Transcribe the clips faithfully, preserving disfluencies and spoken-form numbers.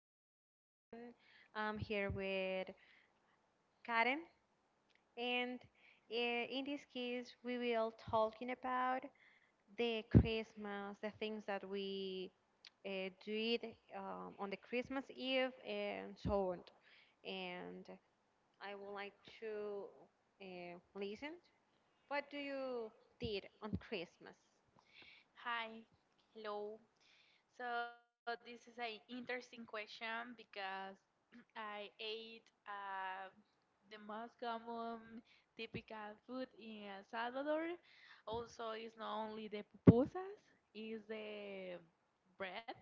Paola, and I'm here with Karen. And uh, in this case, we will talking about the Christmas, the things that we uh, did um, on the Christmas Eve, and so on. And I would like to uh, listen. What do you did on Christmas? Hi, hello. So this is an interesting question because I ate uh, the most common typical food in El Salvador. Also, it's not only the pupusas, it's the bread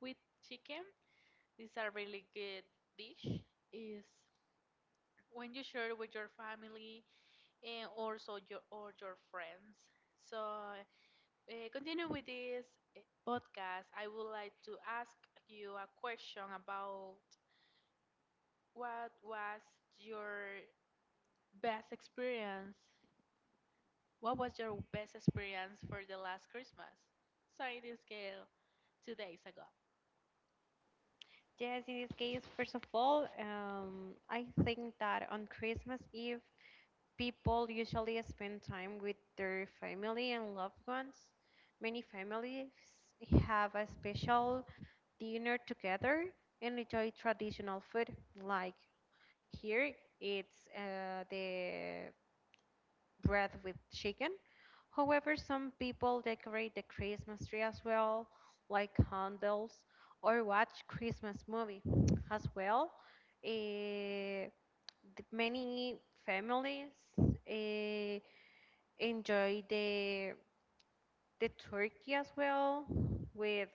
with chicken. It's a really good dish. Is when you share with your family and also your or your friends. So uh, continue with this eh, podcast, I would like to ask you a question about what was your best experience? What was your best experience for the last Christmas? Sorry, this girl, two days ago. Yes, in this case, first of all, um, I think that on Christmas Eve people usually spend time with their family and loved ones. Many families have a special dinner together and enjoy traditional food. Like here, it's uh, the bread with chicken. However, some people decorate the Christmas tree as well, like candles, or watch Christmas movie as well. Eh, th- Many families uh, enjoy the the turkey as well with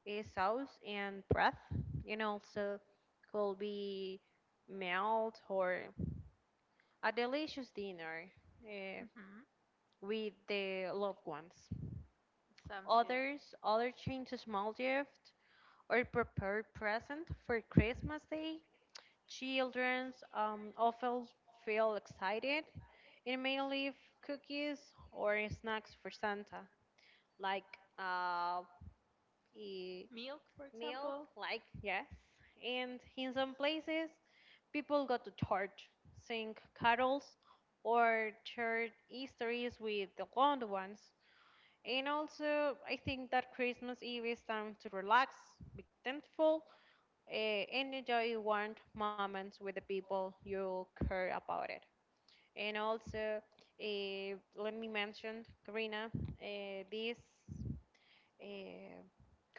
a sauce and broth, and also could be melt or a delicious dinner uh, Hmm. with the loved ones. Sounds good. Others other change to small gift or prepared present for Christmas day. Children um, often feel excited and may leave cookies or snacks for Santa, like uh, eh, Milk, for milk, example. like yes. And in some places, people go to church, sing carols, or share histories with the loved ones. And also, I think that Christmas Eve is time to relax, be thankful, uh, and enjoy warm moments with the people you care about it. And also, uh, let me mention, Karina, uh, this uh,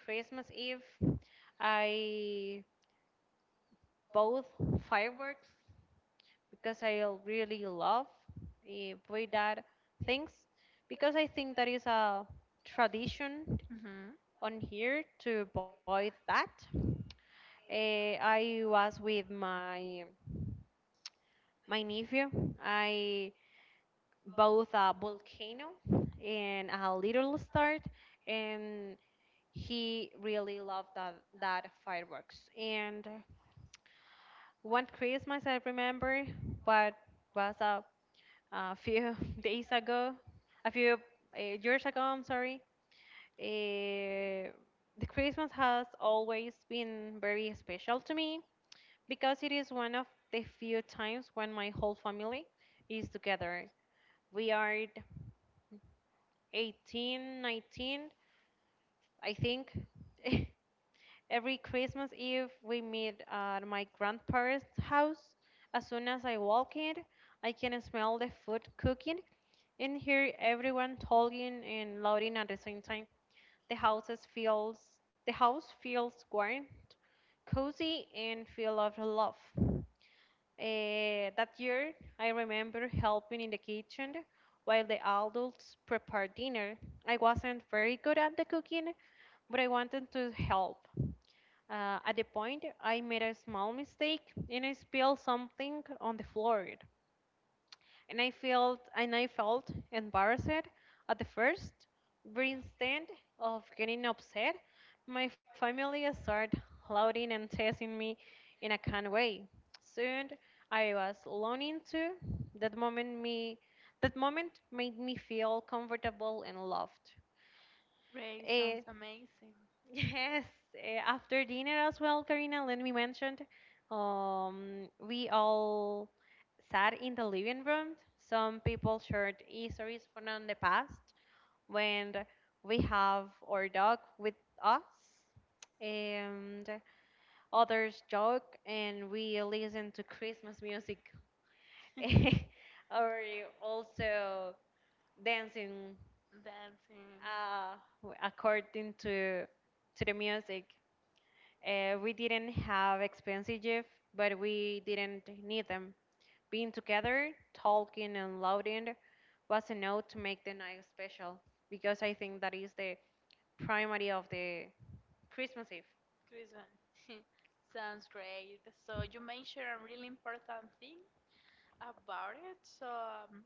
Christmas Eve I both fireworks because I l- really love eh, way that things because I think that is a tradition Hmm. on here to buy that. Eh, I was with my my nephew. I both a volcano and a little start, and he really loved that that fireworks. And one Christmas I remember, but was a a few days ago, a few uh, years ago, I'm sorry. Uh, the Christmas has always been very special to me because it is one of the few times when my whole family is together. We are eighteen, nineteen, I think. Every Christmas Eve, we meet at my grandparents' house. As soon as I walk in, I can smell the food cooking. In here, everyone talking and louding at the same time. The houses feels the house feels warm, cozy, and full of love. Eh, that year, I remember helping in the kitchen while the adults prepared dinner. I wasn't very good at the cooking, but I wanted to help. Uh, at the point, I made a small mistake and I spilled something on the floor, and I felt and I felt embarrassed at the first. But instead of getting upset, my family started lauding and testing me in a kind way. Soon I was learning to that moment me That moment made me feel comfortable and loved. Ray sounds Eh, amazing. Yes, eh, after dinner as well, Karina, let me mention, um, we all sat in the living room. Some people shared histories from the past when we have our dog with us, and others joke, and we listen to Christmas music, or also dancing Dancing. uh, according to to the music. Uh, we didn't have expensive gifts, but we didn't need them. Being together, talking, and laughing was enough to make the night special, because I think that is the primary of the Christmas Eve. Christmas. Sounds great. So you mentioned a really important thing about it. So um,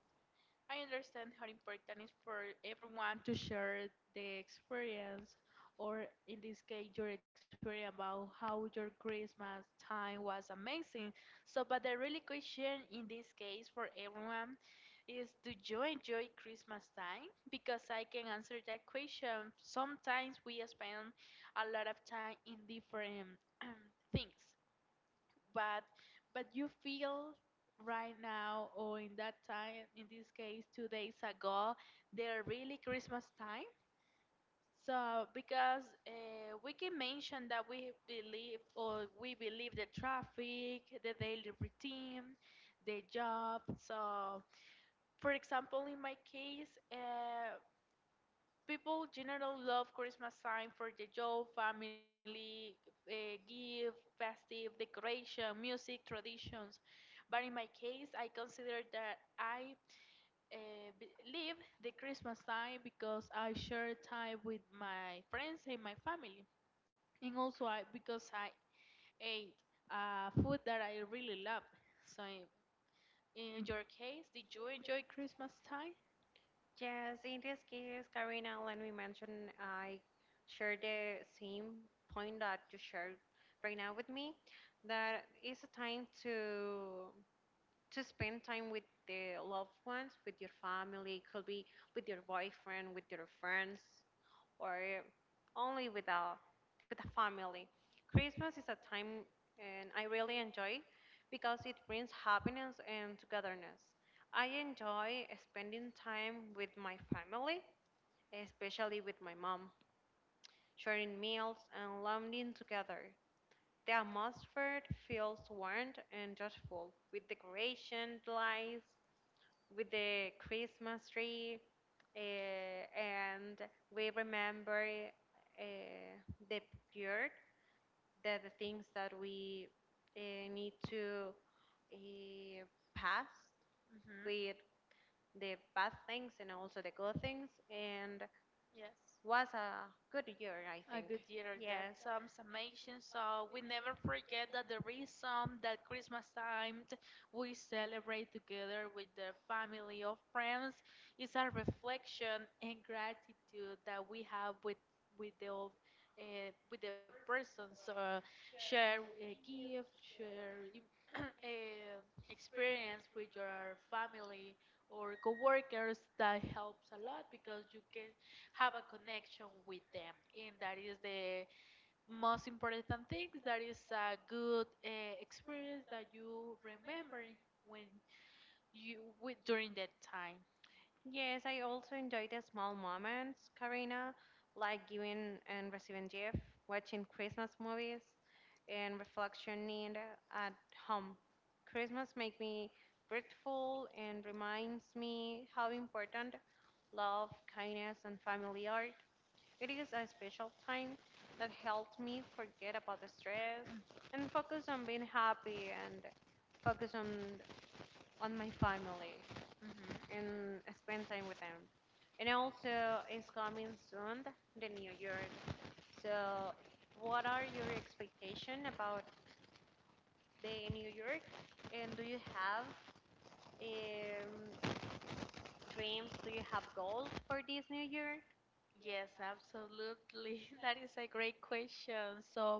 I understand how important it is for everyone to share the experience, or in this case, your experience about how your Christmas time was amazing. So, but the really question in this case for everyone is, do you enjoy Christmas time? Because I can answer that question. Sometimes we spend a lot of time in different things but but you feel right now or in that time in this case two days ago they're really Christmas time so because uh, we can mention that we believe or we believe the traffic, the daily routine, the job. So for example in my case, uh, people generally love Christmas time for the joy, family, uh, gift, festive, decoration, music, traditions. But in my case, I consider that I uh, be- live the Christmas time because I share time with my friends and my family, and also I, because I ate uh, food that I really love. So, in your case, did you enjoy Christmas time? Yes, in this case, Karina, let me mention, I share the same point that you shared right now with me. That it's a time to to spend time with the loved ones, with your family, could be with your boyfriend, with your friends, or only with a with a family. Christmas is a time, and I really enjoy because it brings happiness and togetherness. I enjoy spending time with my family, especially with my mom, sharing meals and lunching together. The atmosphere feels warm and joyful, with decoration, lights, with the Christmas tree, uh, and we remember uh, the period, the, the things that we uh, need to uh, pass, Hmm. with the bad things and also the good things, and Yes. was a good year, I A think. good year. That Yes. some summation. So we never forget that the reason that Christmas time we celebrate together with the family or friends is a reflection and gratitude that we have with with the old, uh, with the persons. So share a gift, share uh, experience with your family or coworkers that helps a lot because you can have a connection with them and that is the most important thing, that is a good uh, experience that you remember when you with during that time. Yes, I also enjoy the small moments, Karina, like giving and receiving gift, watching Christmas movies, and reflection at home. Christmas makes me grateful and reminds me how important love, kindness, and family are. It is a special time that helps me forget about the stress and focus on being happy and focus on on my family Hmm, and spend time with them. And also, it's coming soon, the New Year. So, what are your expectations about the New Year? And do you have um, dreams? Do you have goals for this New Year? yes, absolutely. That is a great question. So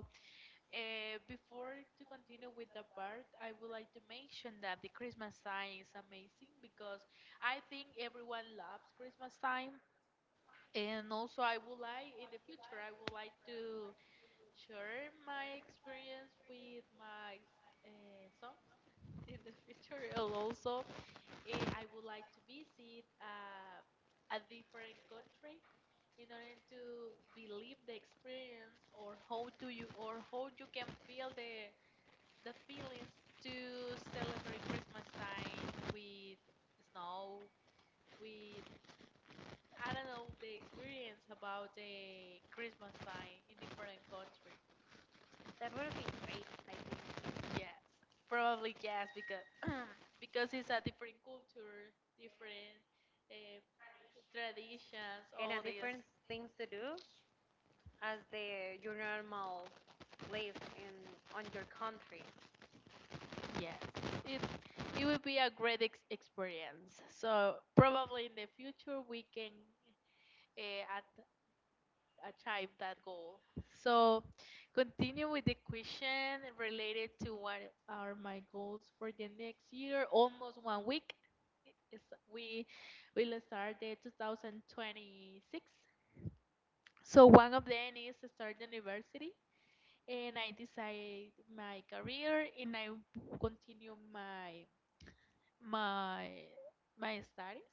Uh, before to continue with the part, I would like to mention that the Christmas time is amazing because I think everyone loves Christmas time. And also, I would like in the future, I would like to share my experience with my uh, sons in the future. And also, eh, I would like to visit uh, a different country in order to believe the experience or how do you or how you can feel the the feelings to celebrate Christmas time with snow, with I don't know the experience about the Christmas time in different country. That would be great, I think. Yes, probably yes because because it's a different culture, different uh, traditions, And a all this. different things to do as the your normal live in on your country. Yes, it it would be a great ex experience. So probably in the future we can uh, achieve that goal. So, continue with the question related to what are my goals for the next year. Almost one week. It's, we will start the twenty twenty-six. So, one of them is start university. And I decide my career and I continue my my my studies.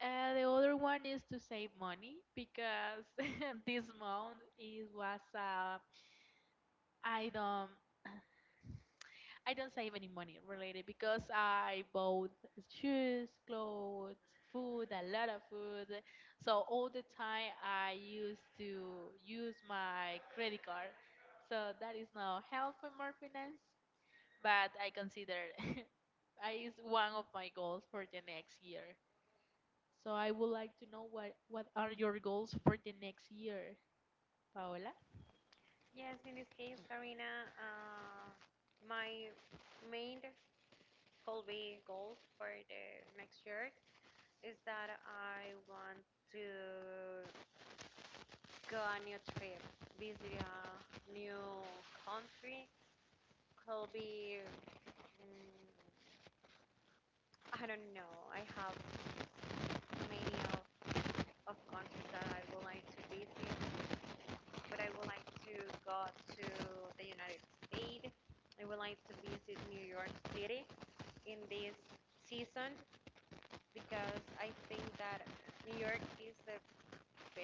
Uh, the other one is to save money because this month it was a I don't I don't save any money related because I bought shoes, clothes, food, a lot of food. So all the time I used to use my credit card. So that is not helpful my finance, but I consider it is one of my goals for the next year. So I would like to know what what are your goals for the next year, Paola? Yes, in this case, Karina, uh, my main Colby goals for the next year is that I want to go a new trip, visit a new country. Colby, mm, I don't know. I have many of, of countries that I would like to visit, but I would like to go to the United States. I would like to visit New York City in this season because I think that New York is the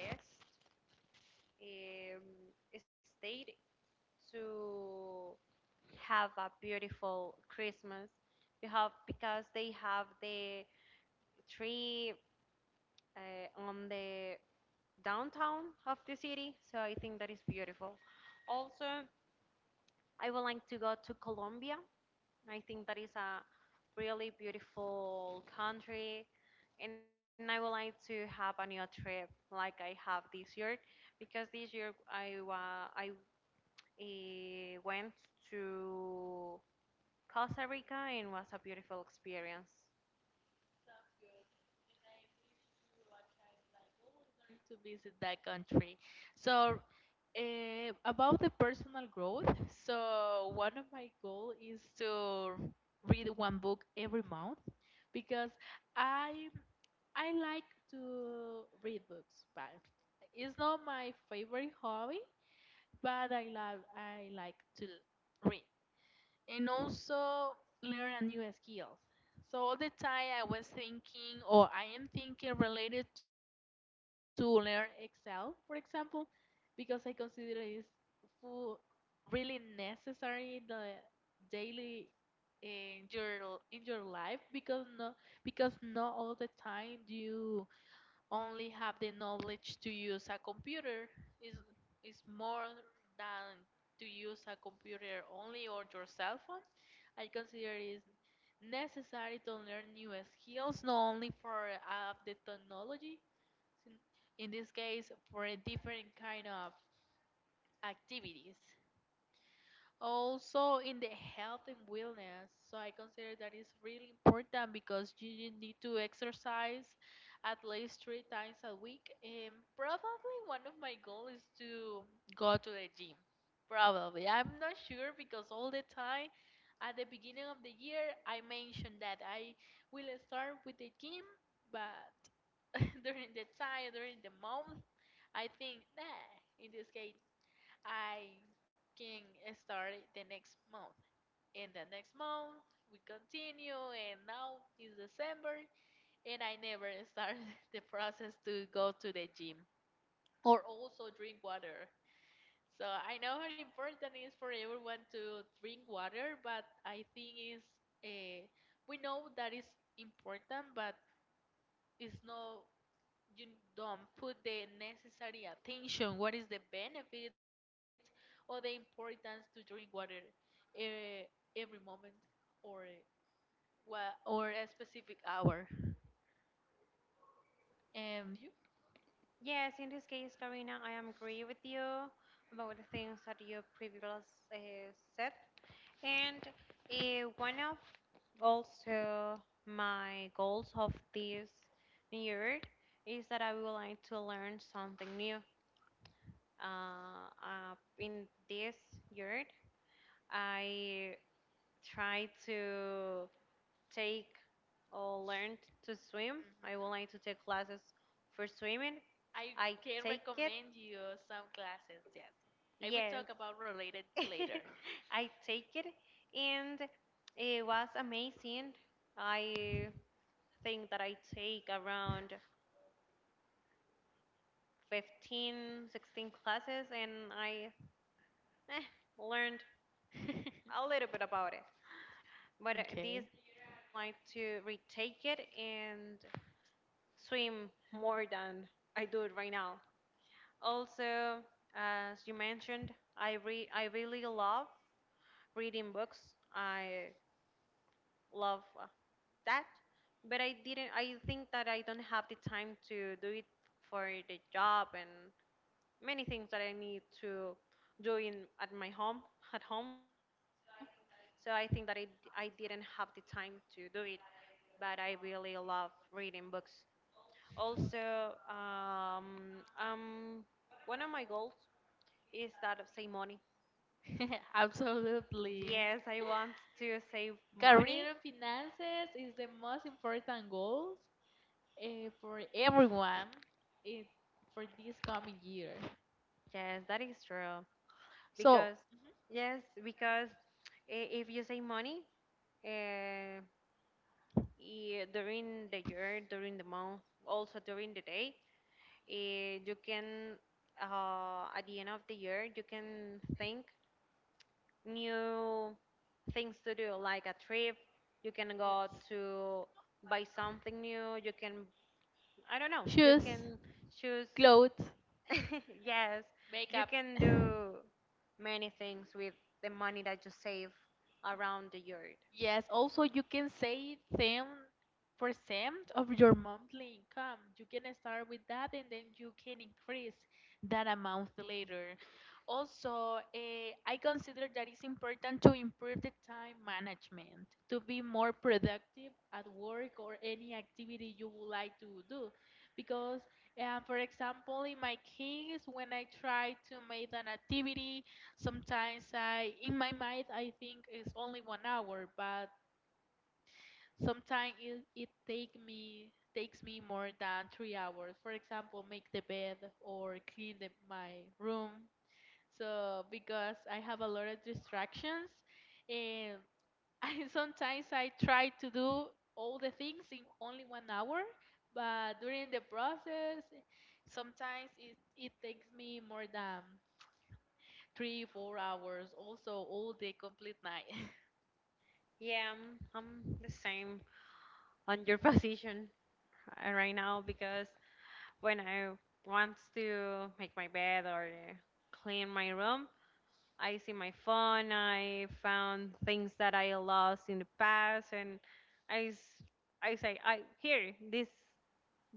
best um, state to have a beautiful Christmas because because they have the tree uh, on the downtown of the city. So I think that is beautiful. Also, I would like to go to Colombia. I think that is a really beautiful country. And I would like to have a new trip like I have this year, because this year I, wa- I He went to Costa Rica, and was a beautiful experience. To visit that country. So Uh, about the personal growth, so one of my goal is to read one book every month because I I like to read books, but it's not my favorite hobby, but I love I like to read and also learn a new skills. So all the time I was thinking, or I am thinking related to learn Excel, for example, because I consider is food really necessary in the daily in your in your life because no because not all the time you only have the knowledge to use a computer is is more than to use a computer only or your cell phone. I consider it necessary to learn new skills not only for uh, the technology, in in this case for a different kind of activities. Also in the health and wellness. So I consider that is really important because you you need to exercise at least three times a week. And probably one of my goals is to go to the gym. Probably. I'm not sure because all the time at the beginning of the year I mentioned that I will start with the gym, but during the time, during the month, I think, nah, in this case, I can start it the next month. And the next month, we continue, and now it's December, and I never start the process to go to the gym or also drink water. So I know how important it is for everyone to drink water, but I think is uh, we know that is important, but it's not you don't put the necessary attention. What is the benefit or the importance to drink water eh, every moment or what or a specific hour? And you? Yes, in this case, Karina, I am agree with you about the things that you previously uh, said. And uh, one of also my goals of this year is that I would like to learn something new. Uh, uh, in this year, I try to take or learn to swim. I would like Hmm. to take classes for swimming. I I can take it. recommend you some classes. Yes, I will Yes, talk about related later. I take it, and it was amazing. I think that I take around fifteen, sixteen classes, and I eh, learned a little bit about it. But uh, this Okay. year, I would like to retake it and swim more than I do it right now. Also, as you mentioned, I re- I really love reading books. I love uh, that, but I didn't. I think that I don't have the time to do it for the job and many things that I need to do in at my home at home. So I think that I I didn't have the time to do it, but I really love reading books. Also, um, um, one of my goals is that of save money. Absolutely. Yes, I want to save money. Career and finances is the most important goals. uh, for everyone in, for this coming year. Yes, that is true. So, Because, mhm, yes. yes, because i- if you save money uh, I- during the year, during the month, also during the day, uh, you can, uh, at the end of the year, you can think new things to do, like a trip. You can go to buy something new. You can, I don't know. You Shoes, can choose. clothes, Yes, you makeup. can do many things with the money that you save around the yard. Yes, also you can save ten percent of your monthly income. You can start with that and then you can increase that amount later. Also, eh, I consider that it's important to improve the time management to be more productive at work or any activity you would like to do. Because, uh, for example, in my case, when I try to make an activity, sometimes I, in my mind, I think it's only one hour, but sometimes it, it take me takes me more than three hours. For example, make the bed or clean the, my room. So because I have a lot of distractions, and I, sometimes I try to do all the things in only one hour, but during the process, sometimes it, it takes me more than three, four hours, also all day, complete night. Yeah, I'm, I'm the same on your position uh, right now, because when I want to make my bed or uh, clean my room, I see my phone. I found things that I lost in the past, and I, s- I say, I here this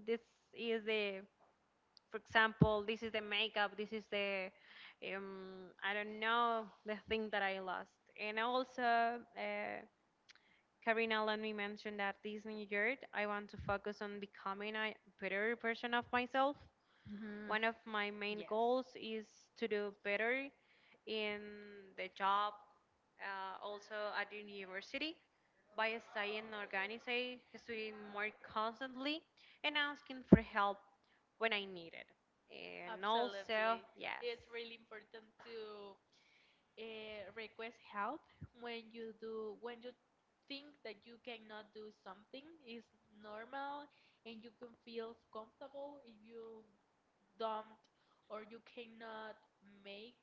this is the, for example, this is the makeup, this is the, um, I don't know, the thing that I lost. And also, uh, Karina, let me mention that this new year, I want to focus on becoming a better version of myself. Hmm. One of my main Yes. goals is to do better in the job, uh, also at the university, by staying organized, studying more constantly, and asking for help when I need it. And also, Absolutely. yes, It's really important to uh, request help when you do when you think that you cannot do something is normal and you can feel comfortable if you don't or you cannot make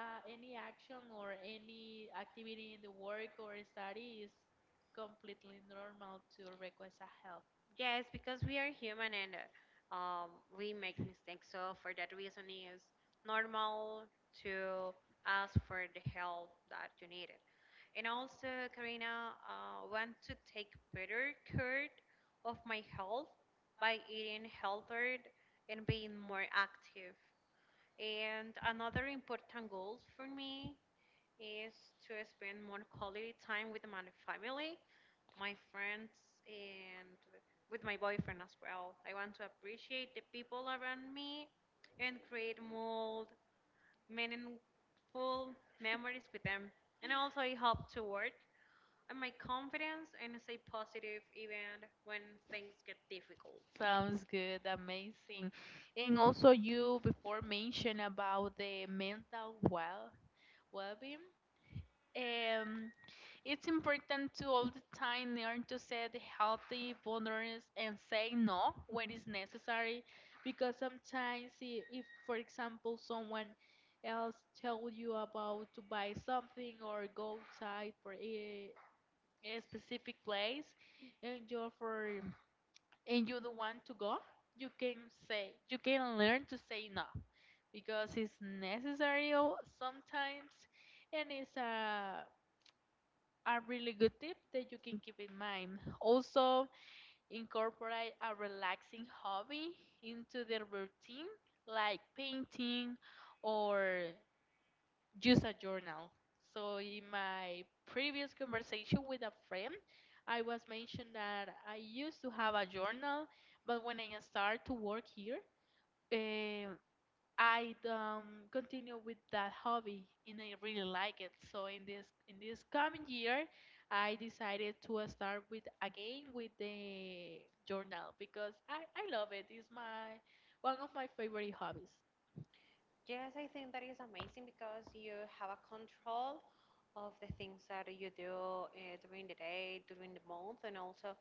uh, any action or any activity in the work or study is completely normal to request a help. yes, because we are human and uh, um, we make mistakes. So for that reason, it's normal to ask for the help that you needed. And also, Karina, uh, want to take better care of my health by eating healthier and being more active. And another important goal for me is to spend more quality time with my family, my friends, and with my boyfriend as well. I want to appreciate the people around me and create more meaningful memories with them. And also, I hope to work and my confidence and stay positive even when things get difficult. Sounds good, amazing. And also you before mentioned about the mental well well-being. Um, it's important to all the time learn to set healthy boundaries and say no when it's necessary, because sometimes if, if for example someone else tell you about to buy something or go outside for a, a specific place, and you're for and you don't want to go, you can say, you can learn to say no because it's necessary o- sometimes, and it's a a really good tip that you can keep in mind. Also, incorporate a relaxing hobby into the routine, like painting or use a journal. So in my previous conversation with a friend, I was mentioned that I used to have a journal, but when I started to work here, um, I um, continue with that hobby and I really like it. So in this in this coming year, I decided to uh, start with again with the journal because I, I love it. It's my one of my favorite hobbies. Yes, I think that is amazing because you have a control of the things that you do uh, during the day, during the month, and also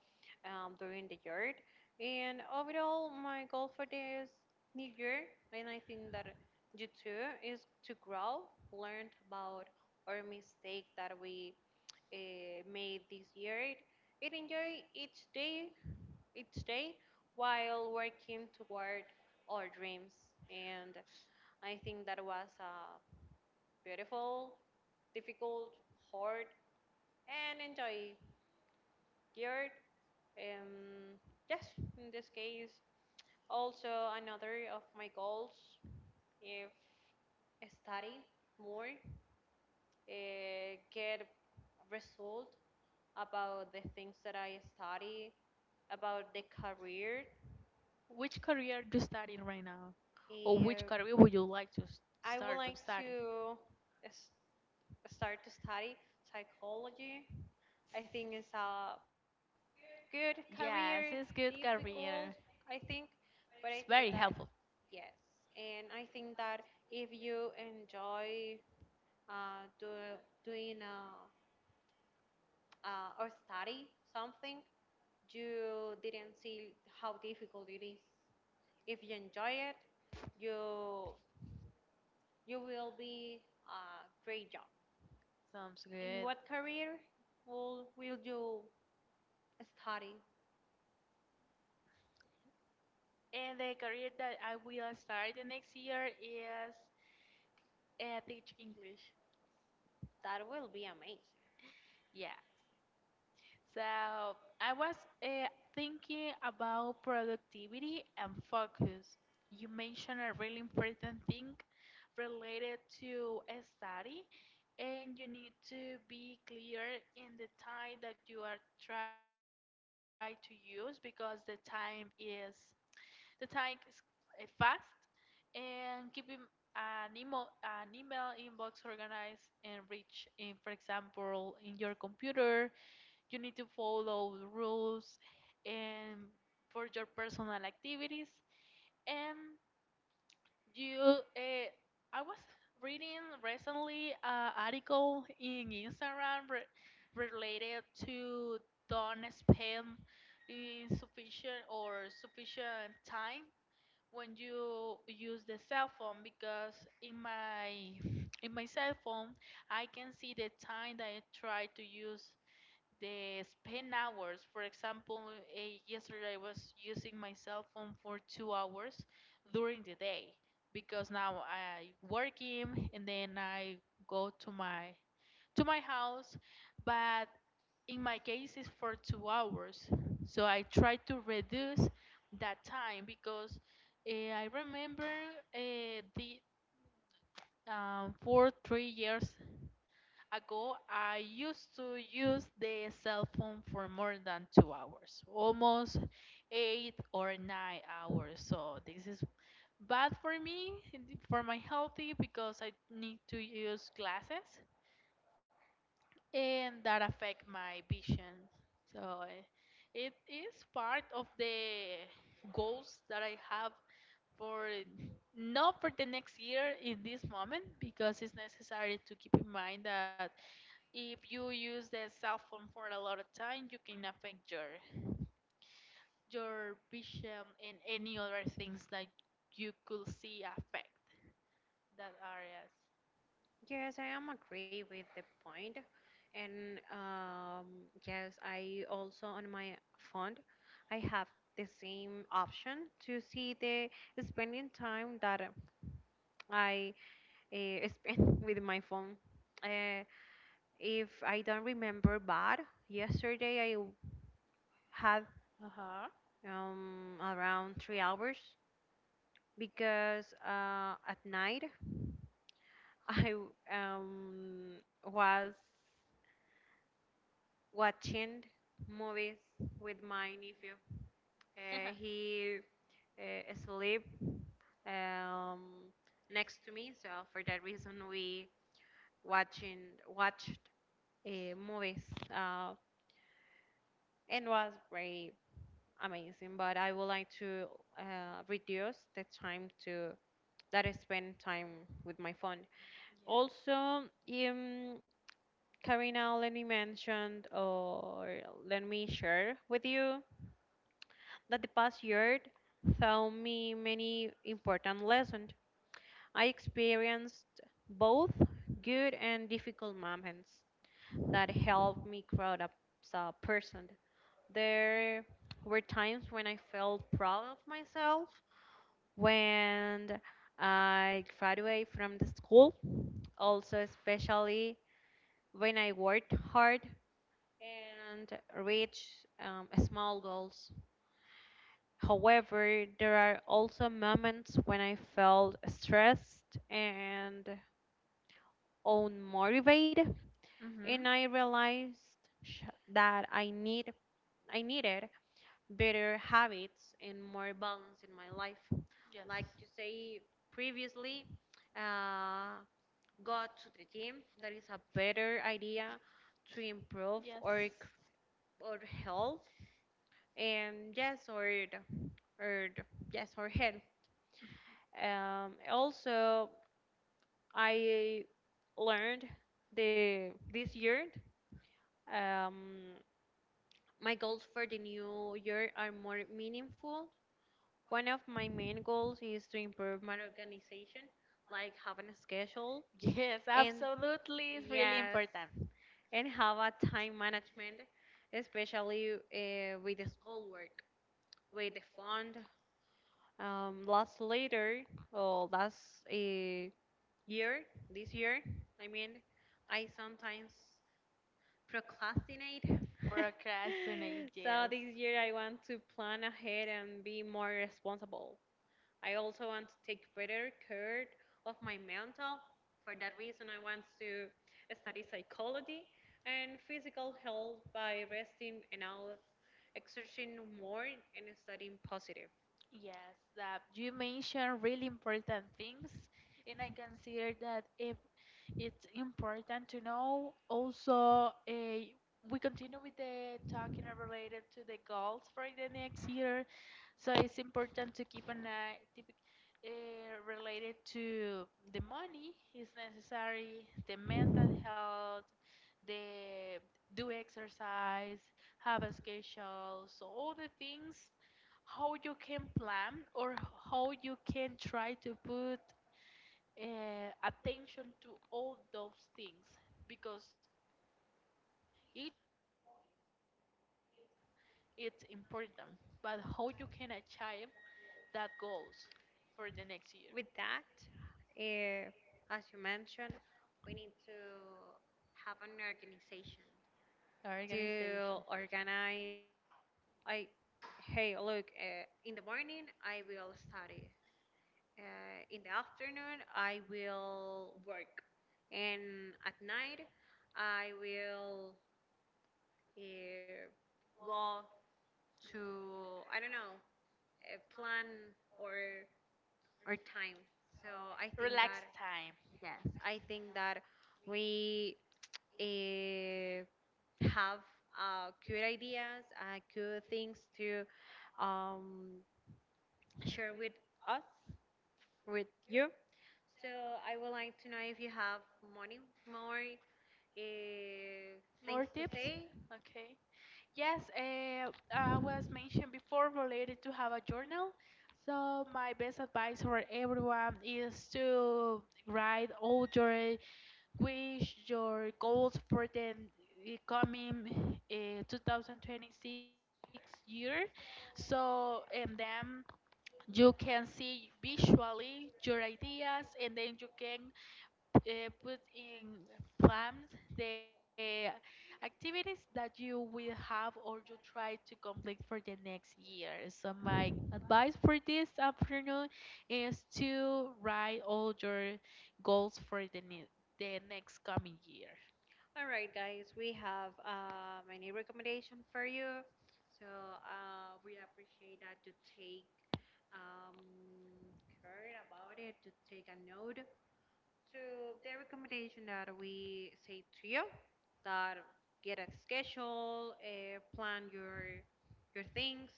um, during the year. And overall, my goal for this new year, and I think that you too, is to grow, learn about our mistake that we uh, made this year, and enjoy each day each day while working toward our dreams. And I think that was a beautiful, difficult, hard, and enjoy year. Um, yes, in this case, also another of my goals if study more, uh, get result about the things that I study, about the career. Which career do you study right now? Or which Uh, career would you like to s- I would start to like study? to s- start to study psychology. I think it's a good career, Yes, it's good difficult, career. I think, but I It's think that very helpful. yes, and I think that if you enjoy uh, do, doing uh, uh, or study something, you didn't see how difficult it is. If you enjoy it, you you will be a great job. Sounds In good. what career will, will you study? And the career that I will start the next year is uh, teach English. That will be amazing. Yeah. So I was uh, thinking about productivity and focus. You mentioned a really important thing related to a study, and you need to be clear in the time that you are trying to use because the time is the time is uh, fast, and keeping an email an email inbox organized and rich in, for example, in your computer you need to follow the rules and for your personal activities. And you, uh, I was reading recently an article in Instagram re- related to don't spend insufficient or sufficient time when you use the cell phone because in my in my cell phone I can see the time that I try to use they spend hours. For example, eh, yesterday I was using my cell phone for two hours during the day because now I working and then I go to my to my house, but in my case it's for two hours. So I try to reduce that time because uh, I remember uh, the um, four three years ago, I used to use the cell phone for more than two hours, almost eight or nine hours. So this is bad for me, for my healthy, because I need to use glasses, and that affect my vision. So eh, it is part of the goals that I have for not for the next year in this moment because it's necessary to keep in mind that if you use the cell phone for a lot of time, you can affect your your vision and any other things that you could see affect that areas. Yes, I am agree with the point. And um, yes, I also on my phone, I have the same option to see the spending time that I uh, spend with my phone. Uh, if I don't remember bad, yesterday I had Uh huh. um, around three hours because uh, at night I um, was watching movies with my nephew. Uh, he uh, sleep um, next to me, so for that reason we watching watched uh, movies uh, and was very amazing. But I would like to uh, reduce the time to that I spend time with my phone. Yes. Also, um, Karina, let me mention or let me share with you that the past year taught me many important lessons. I experienced both good and difficult moments that helped me grow up as a person. There were times when I felt proud of myself when I graduated from the school, also especially when I worked hard and reach um, small goals. However, there are also moments when I felt stressed and unmotivated, and Mhm. I realized sh- that I need I needed better habits and more balance in my life. Like Yes. you say previously, uh, go to the gym. That is a better idea to improve Yes. our c- our health. And yes, or the- or the- yes, or help, um, also I learned the this year. um, my goals for the new year are more meaningful. One of my main goals is to improve my organization, like having a schedule, Yes, and absolutely. It's really yes, important. and have a time management, especially uh, with the schoolwork, with the fund, um, last later or last uh, year, this year, I mean, I sometimes procrastinate. Procrastinate. So Yes. this year I want to plan ahead and be more responsible. I also want to take better care of my mental. For that reason, I want to study psychology and physical health by resting and out, exercising more, and studying positive. Yes, that you mentioned really important things, and I consider that if it's important to know. Also, eh, we continue with the talking related to the goals for the next year, so it's important to keep an eye typ- eh, related to the money is necessary, the mental health, the do exercise, have a schedule, so all the things how you can plan or how you can try to put uh, attention to all those things because each point it's important but how you can achieve that goals for the next year. With that, eh, as you mentioned, we need to have an organization Organization. to organize. I, hey, look, uh, in the morning I will study. Uh, in the afternoon I will work, and at night I will uh, go to, I don't know, uh, plan or or time. So I think that, Relax time. yes, I think that we uh, have uh, good ideas, uh, good things to um, share with us, with you. So I would like to know if you have money, more uh, things More to tips. say. Okay. Yes, uh, I was mentioned before related to have a journal. So my best advice for everyone is to write all your wish, your goals for the uh, coming uh, two thousand twenty-six year. So and then you can see visually your ideas, and then you can uh, put in plans the activities that you will have or you try to complete for the next year. So my advice for this afternoon is to write all your goals for the ne- the next coming year. All right, guys, we have uh, my new recommendation for you. So uh, we appreciate that you take um, care about it, to take a note. So the recommendation that we say to you, that get a schedule, uh, plan your your things,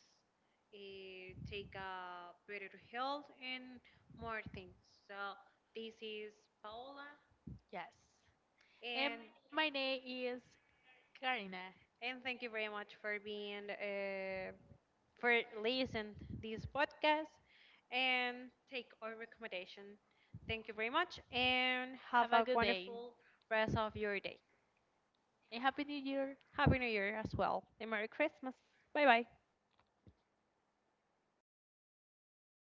uh, take a better health and more things. So this is Paola, Yes. And and my name is Karina. and thank you very much for being uh, for listening this podcast and take our recommendation. Thank you very much and have Have a a good day wonderful rest of your day. and happy new year. Happy New Year as well. And Merry Christmas. Bye bye.